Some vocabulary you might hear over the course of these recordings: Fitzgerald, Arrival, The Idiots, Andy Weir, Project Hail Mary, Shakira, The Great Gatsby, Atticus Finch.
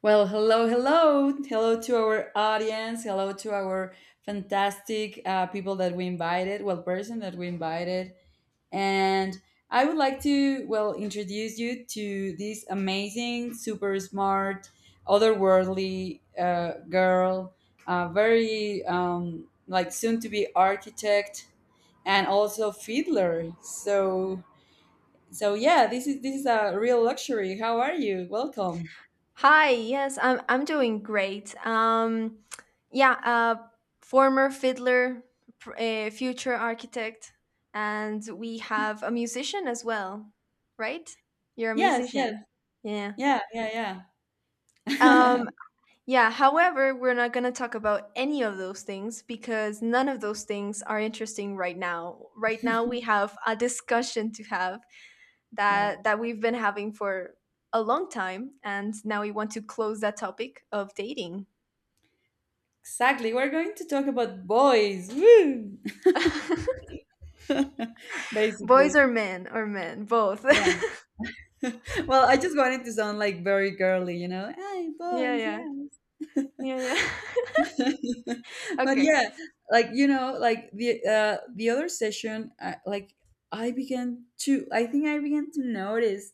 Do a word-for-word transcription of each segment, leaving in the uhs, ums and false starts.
Well, hello, hello. Hello to our audience. Hello to our fantastic uh, people that we invited, well, person that we invited. And I would like to, well, introduce you to this amazing, super smart, otherworldly uh, girl, uh, very um, like soon to be architect and also fiddler. So, so yeah, this is this is a real luxury. How are you? Welcome. Hi, yes, I'm I'm doing great. Um, yeah, uh, former fiddler, pr- uh, future architect, and we have a musician as well, right? You're a Yes, yes. musician. Yeah. Yeah, yeah, yeah. Yeah, Um, yeah, however, we're not going to talk about any of those things because none of those things are interesting right now. Right now we have a discussion to have that that we've been having for a long time and now we want to close that topic of dating. exactly. We're going to talk about boys. Woo! Boys Basically. or men or men, both. Yeah. Well, I just wanted to sound like very girly, you know. Hey, yeah, boys, yeah, yeah. yeah, yeah. But okay. yeah, like you know, like the uh the other session, uh, like I began to I think I began to notice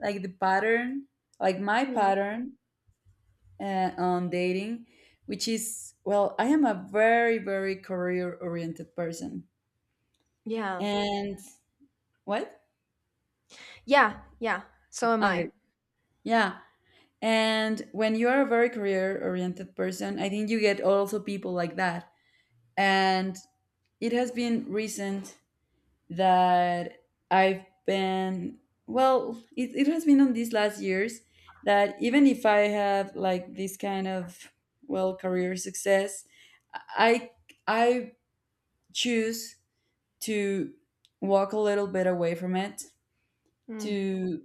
like the pattern, like my Hmm. pattern uh, on dating, which is, well, I am a very very career oriented person. Yeah, And what? yeah, yeah. So am I. Okay. Yeah. And when you are a very career oriented person, I think you get also people like that. And it has been recent that I've been, well, it, it has been on these last years that even if I have like this kind of, well, career success, I, I choose to walk a little bit away from it Mm. to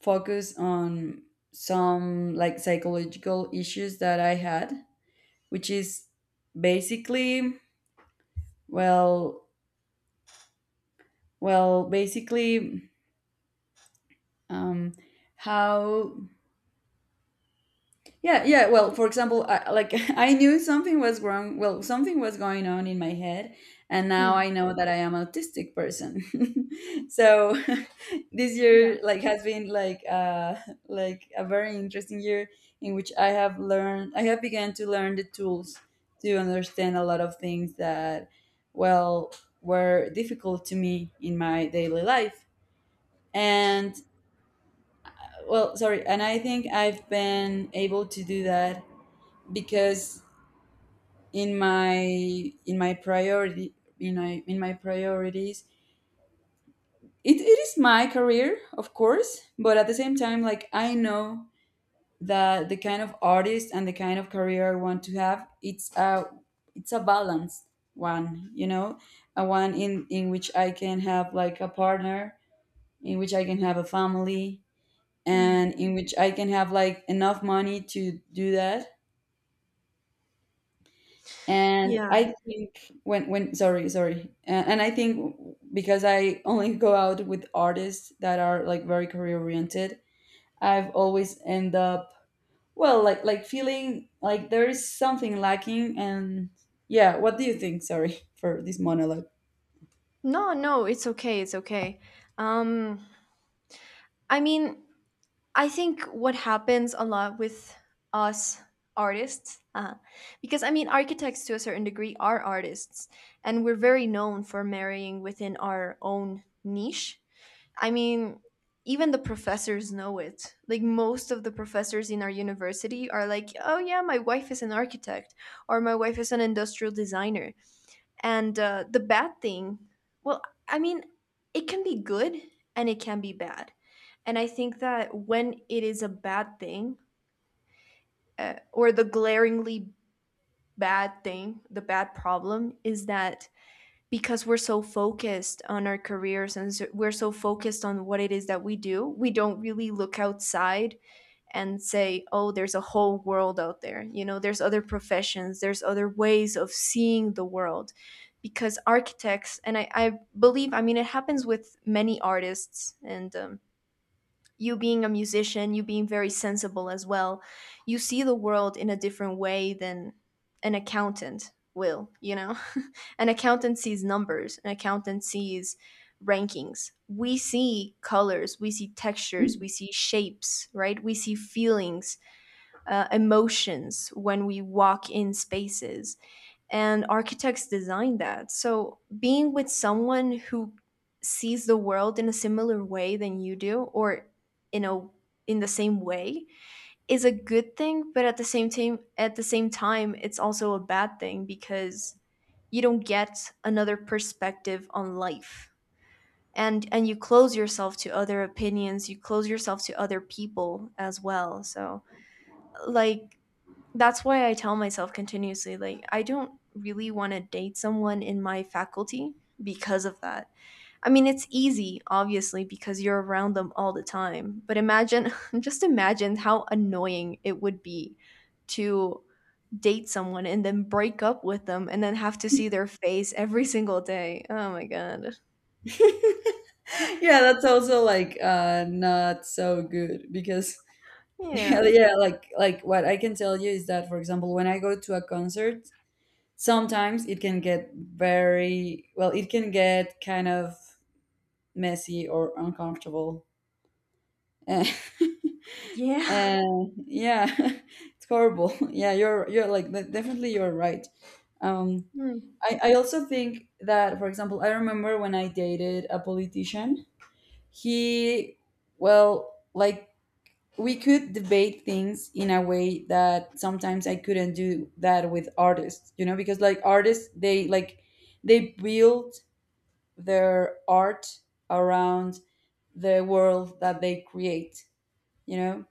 focus on some like psychological issues that I had, which is basically, well, well, basically, um, how. Yeah, yeah. Well, for example, I, like I knew something was wrong. Well, something was going on in my head, and now Mm. I know that I am autistic person. So this Yeah. year, like, has been like uh, like a very interesting year in which I have learned. I have began to learn the tools to understand a lot of things that, well, were difficult to me in my daily life. And, well, sorry. And I think I've been able to do that because in my in my priority in my in my priorities it, it is my career, of course, but at the same time, like, I know that the kind of artist and the kind of career I want to have, it's a, it's a balanced one, you know, a one in in which I can have like a partner, in which I can have a family, Mm. and in which I can have like enough money to do that. And Yeah. I think when when sorry sorry, uh, and I think because I only go out with artists that are like very career oriented, I've always end up, well, like like feeling like there is something lacking. And yeah, what do you think? Sorry for this monologue. No, no, it's okay. It's okay. Um, I mean, I think what happens a lot with us artists, uh, because I mean, architects to a certain degree are artists, and we're very known for marrying within our own niche. I mean, even the professors know it. Like most of the professors in our university are like, "Oh yeah, my wife is an architect or my wife is an industrial designer." And uh, the bad thing, well, I mean, it can be good and it can be bad. And I think that when it is a bad thing, uh, or the glaringly bad thing, the bad problem is that because we're so focused on our careers and so- we're so focused on what it is that we do, we don't really look outside and say, oh, there's a whole world out there. You know, there's other professions, there's other ways of seeing the world. Because architects, and I, I believe, I mean, it happens with many artists and um, you being a musician, you being very sensible as well, you see the world in a different way than an accountant will, you know? An accountant sees numbers, an accountant sees rankings. We see colors, we see textures, we see shapes, right? We see feelings, uh, emotions when we walk in spaces and architects design that. So being with someone who sees the world in a similar way than you do or you know, in the same way is a good thing, but at the same time at the same time it's also a bad thing because you don't get another perspective on life. And and you close yourself to other opinions, you close yourself to other people as well. So like that's why I tell myself continuously, like, I don't really want to date someone in my faculty because of that. I mean, it's easy, obviously, because you're around them all the time. But imagine, just imagine how annoying it would be to date someone and then break up with them and then have to see their face every single day. Oh my God. Yeah, that's also like uh, not so good because yeah, Yeah. yeah, like like what I can tell you is that, for example, when I go to a concert, sometimes it can get very, well, it can get kind of messy or uncomfortable and, Yeah. yeah it's horrible. Yeah, you're you're like de- definitely you're right. Um, Hmm. I, I also think that, for example, I remember when I dated a politician, he, well, like, we could debate things in a way that sometimes I couldn't do that with artists, you know, because like artists, they like they build their art around the world that they create, you know,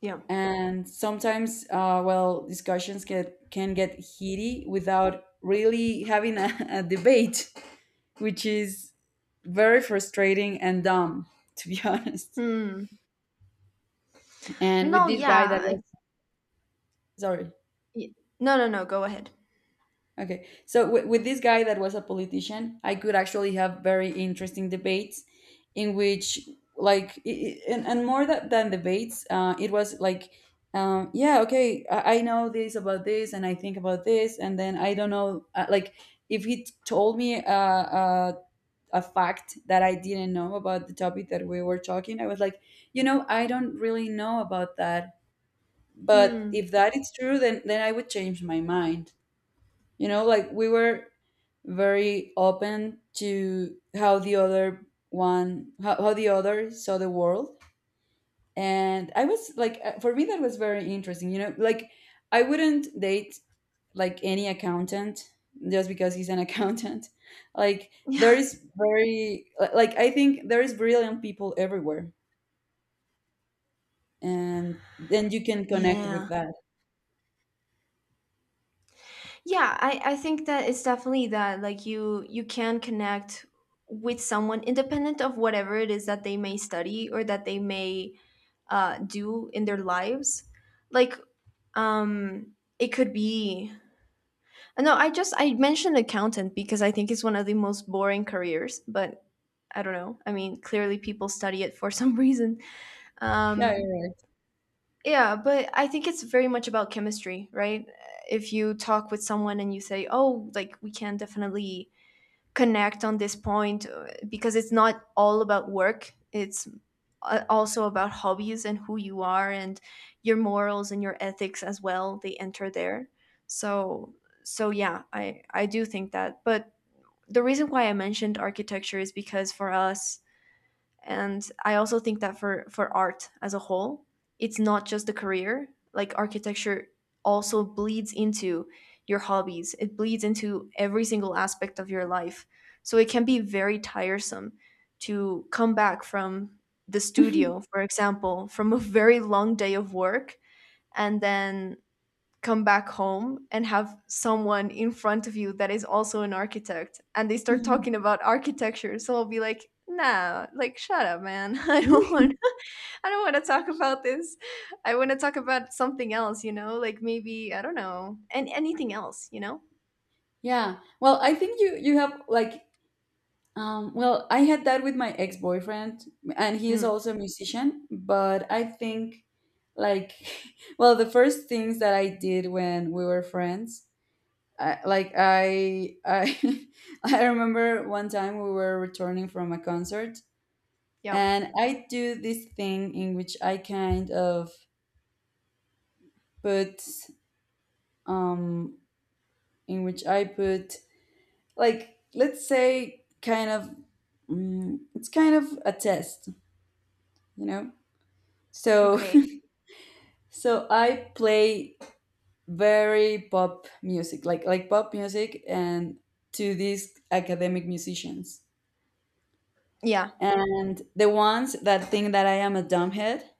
Yeah. and sometimes, uh, well, discussions get, can get heated without really having a, a debate, which is very frustrating and dumb to be honest. Hmm. And with No, this guy that yeah. was, I- sorry. y- No, no, no. Go ahead. Okay. So w- with this guy that was a politician, I could actually have very interesting debates in which, like, i i- and, and more tha- than debates, uh, it was like, um, yeah, okay, I, I know this about this and I think about this, and then I don't know, uh, like if he t- told me, uh, uh, a fact that I didn't know about the topic that we were talking, I was like, you know, I don't really know about that. But Hmm. if that is true, then then I would change my mind, you know, like we were very open to how the other one, how, how the other saw the world. And I was like, uh, for me that was very interesting, you know, like I wouldn't date like any accountant just because he's an accountant, like Yeah. there is very li- like I think there is brilliant people everywhere and then you can connect with Yeah. that. Yeah, i i think that it's definitely that like you you can connect with someone independent of whatever it is that they may study or that they may uh do in their lives. Like, um it could be, no, I just I mentioned accountant because I think it's one of the most boring careers but I don't know, I mean clearly people study it for some reason. Yeah, um you're yeah, but I think it's very much about chemistry, right? If you talk with someone and you say, "Oh, like we can definitely connect on this point," uh, because it's not all about work. It's a- also about hobbies and who you are and your morals and your ethics as well. They enter there. So, so yeah, I I do think that. But the reason why I mentioned architecture is because for us, and I also think that for for art as a whole it's not just the career, like architecture also bleeds into your hobbies, it bleeds into every single aspect of your life, so it can be very tiresome to come back from the studio, for example, from a very long day of work and then come back home and have someone in front of you that is also an architect and they right. start talking about architecture, so I'll be like, nah, like shut up man, I don't want, I don't want to talk about this, I want to talk about something else, you know, like maybe I don't know and anything else, you know. Yeah, well, I think you you have like, um, well, I had that with my ex-boyfriend, and he is Mm, also a musician, but I think, like, well, the first things that I did when we were friends, I, like I I I remember one time we were returning from a concert yeah, and I do this thing in which I kind of put, um in which I put like, let's say, kind of, mm, it's kind of a test, you know? So, okay. so I play very pop music, like like pop music, and to these academic musicians. Yeah, And the ones that think that I am a dumbhead,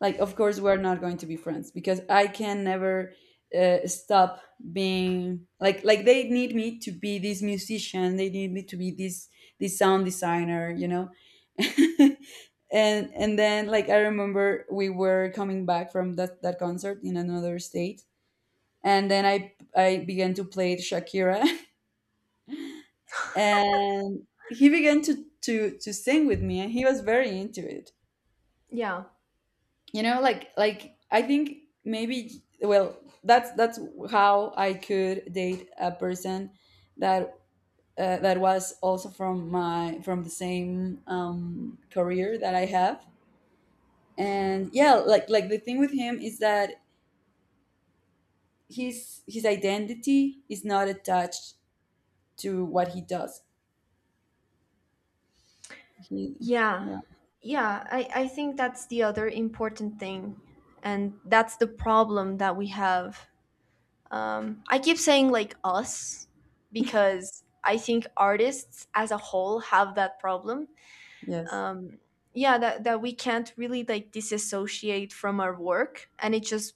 like, of course we're not going to be friends because I can never, uh, stop being like like they need me to be this musician, they need me to be this, this sound designer, you know. and and then, like, I remember we were coming back from that that concert in another state, and then I I began to play Shakira, and he began to to to sing with me, and he was very into it. yeah, You know, like like I think maybe, well, that's that's how I could date a person that. Uh, that was also from my from the same, um, career that I have, and yeah, like like the thing with him is that his his identity is not attached to what he does. He, yeah, yeah. yeah. I, I think that's the other important thing and that's the problem that we have. Um, I keep saying like us because I think artists as a whole have that problem. Yes. Um, yeah, that, that we can't really like disassociate from our work and it just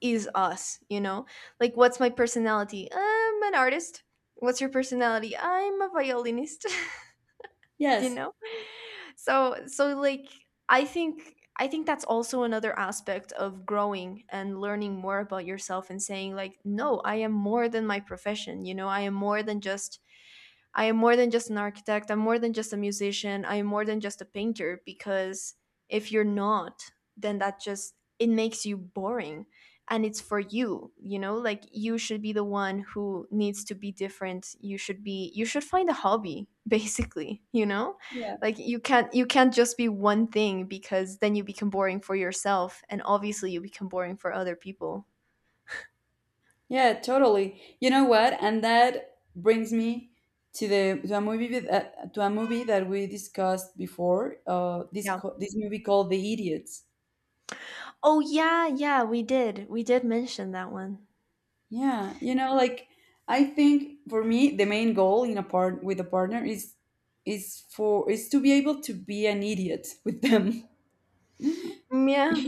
is us, you know? Like, what's my personality? I'm an artist. What's your personality? I'm a violinist, you Yes. know? So so like i think i think that's also another aspect of growing and learning more about yourself and saying like, no, I am more than my profession, you know, I am more than just, I am more than just an architect. I'm more than just a musician. I am more than just a painter because if you're not, then that just it makes you boring and it's for you, you know? Like you should be the one who needs to be different. You should be you should find a hobby, basically, you know? Yeah. Like you can't you can't just be one thing because then you become boring for yourself and obviously you become boring for other people. Yeah, totally. You know what? And that brings me to the to a movie with, uh, to a movie that we discussed before. Uh, this Yeah. co- this movie called The Idiots. Oh yeah, yeah, we did. We did mention that one. Yeah, you know, like I think for me the main goal in a part with a partner is is for is to be able to be an idiot with them. Mm, yeah.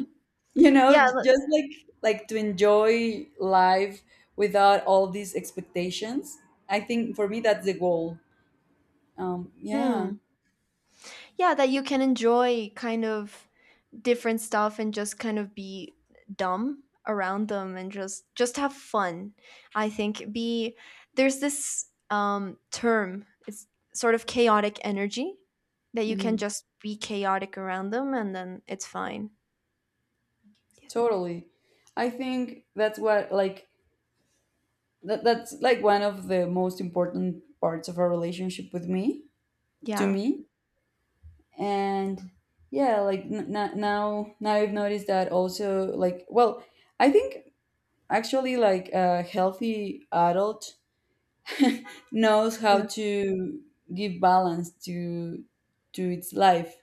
You Yeah. know, j- just like like to enjoy life without all these expectations. I think for me that's the goal. Um, yeah. Mm. Yeah, that you can enjoy kind of different stuff and just kind of be dumb around them and just just have fun. I think be, there's this um term. It's sort of chaotic energy that you can Hmm. just be chaotic around them and then it's fine. Yes, ma'am. Totally. I think that's what like, that, that's like one of the most important parts of our relationship with me, to Yeah. me. And yeah, like n- n- now, now I've noticed that also, like, well, I think actually like a healthy adult knows how Yeah. to give balance to to its life,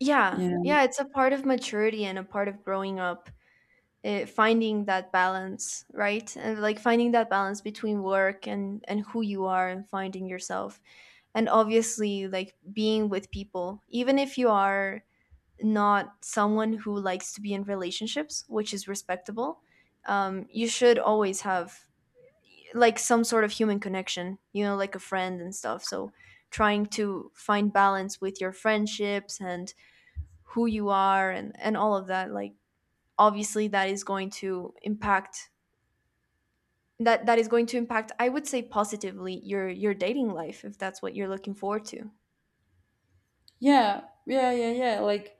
Yeah. you know. Yeah, it's a part of maturity and a part of growing up, uh, finding that balance right and like finding that balance between work and and who you are and finding yourself and obviously like being with people, even if you are not someone who likes to be in relationships, which is respectable. um, you should always have like some sort of human connection, you know, like a friend and stuff, so trying to find balance with your friendships and who you are and and all of that, like obviously that is going to impact, that that is going to impact, I would say positively, your your dating life if that's what you're looking forward to. Yeah, yeah, yeah, yeah. Like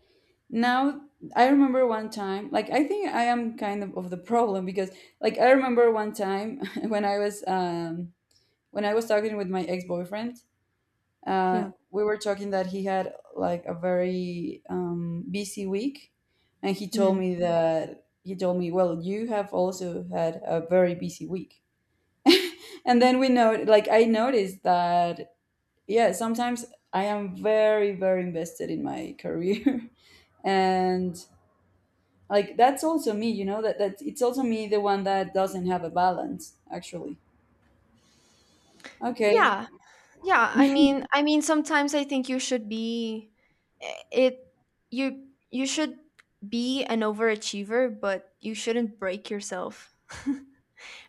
now, I remember one time. Like I think I am kind of of the problem because, like, I remember one time when I was um when I was talking with my ex boyfriend. Uh, Yeah. we were talking that he had like a very um busy week, and he told Mm. me that he told me, well, you have also had a very busy week. And then we know, like, I noticed that yeah, sometimes I am very very invested in my career and like that's also me, you know, that that it's also me the one that doesn't have a balance, actually. Okay. Yeah, yeah, i mean i mean sometimes I think you should be, eh, it you you should be an overachiever but you shouldn't break yourself,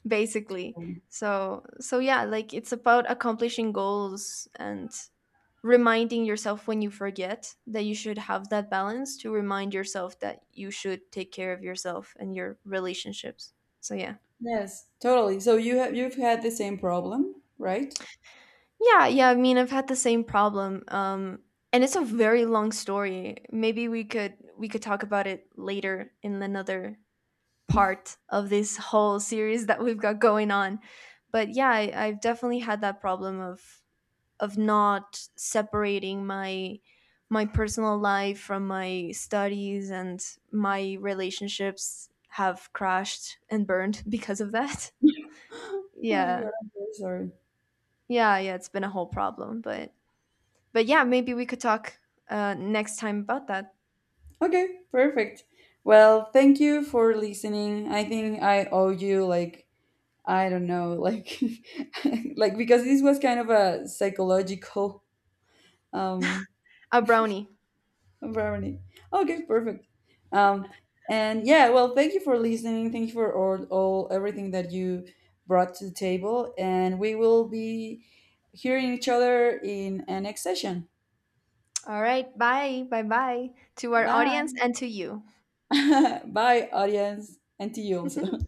basically. So so yeah, like it's about accomplishing goals and reminding yourself when you forget that you should have that balance, to remind yourself that you should take care of yourself and your relationships. So yeah. Yes, totally, so you have, you've had the same problem, right? Yeah, yeah, I mean I've had the same problem. Um and it's a very long story. Maybe we could we could talk about it later in another part of this whole series that we've got going on. But yeah, I, I've definitely had that problem of of not separating my my personal life from my studies and my relationships have crashed and burned because of that. Oh my Yeah. god, I'm very sorry. Yeah, yeah, it's been a whole problem, but but yeah, maybe we could talk uh next time about that. Okay, perfect. Well, thank you for listening. I think I owe you like, I don't know, like like because this was kind of a psychological, um. A brownie. Brownie. Okay, perfect. Um, and yeah, well, thank you for listening. Thank you for all, all everything that you brought to the table. And we will be hearing each other in a next session. All right, bye. Bye bye to our audience Bye. and to you. Bye, audience. And to you also.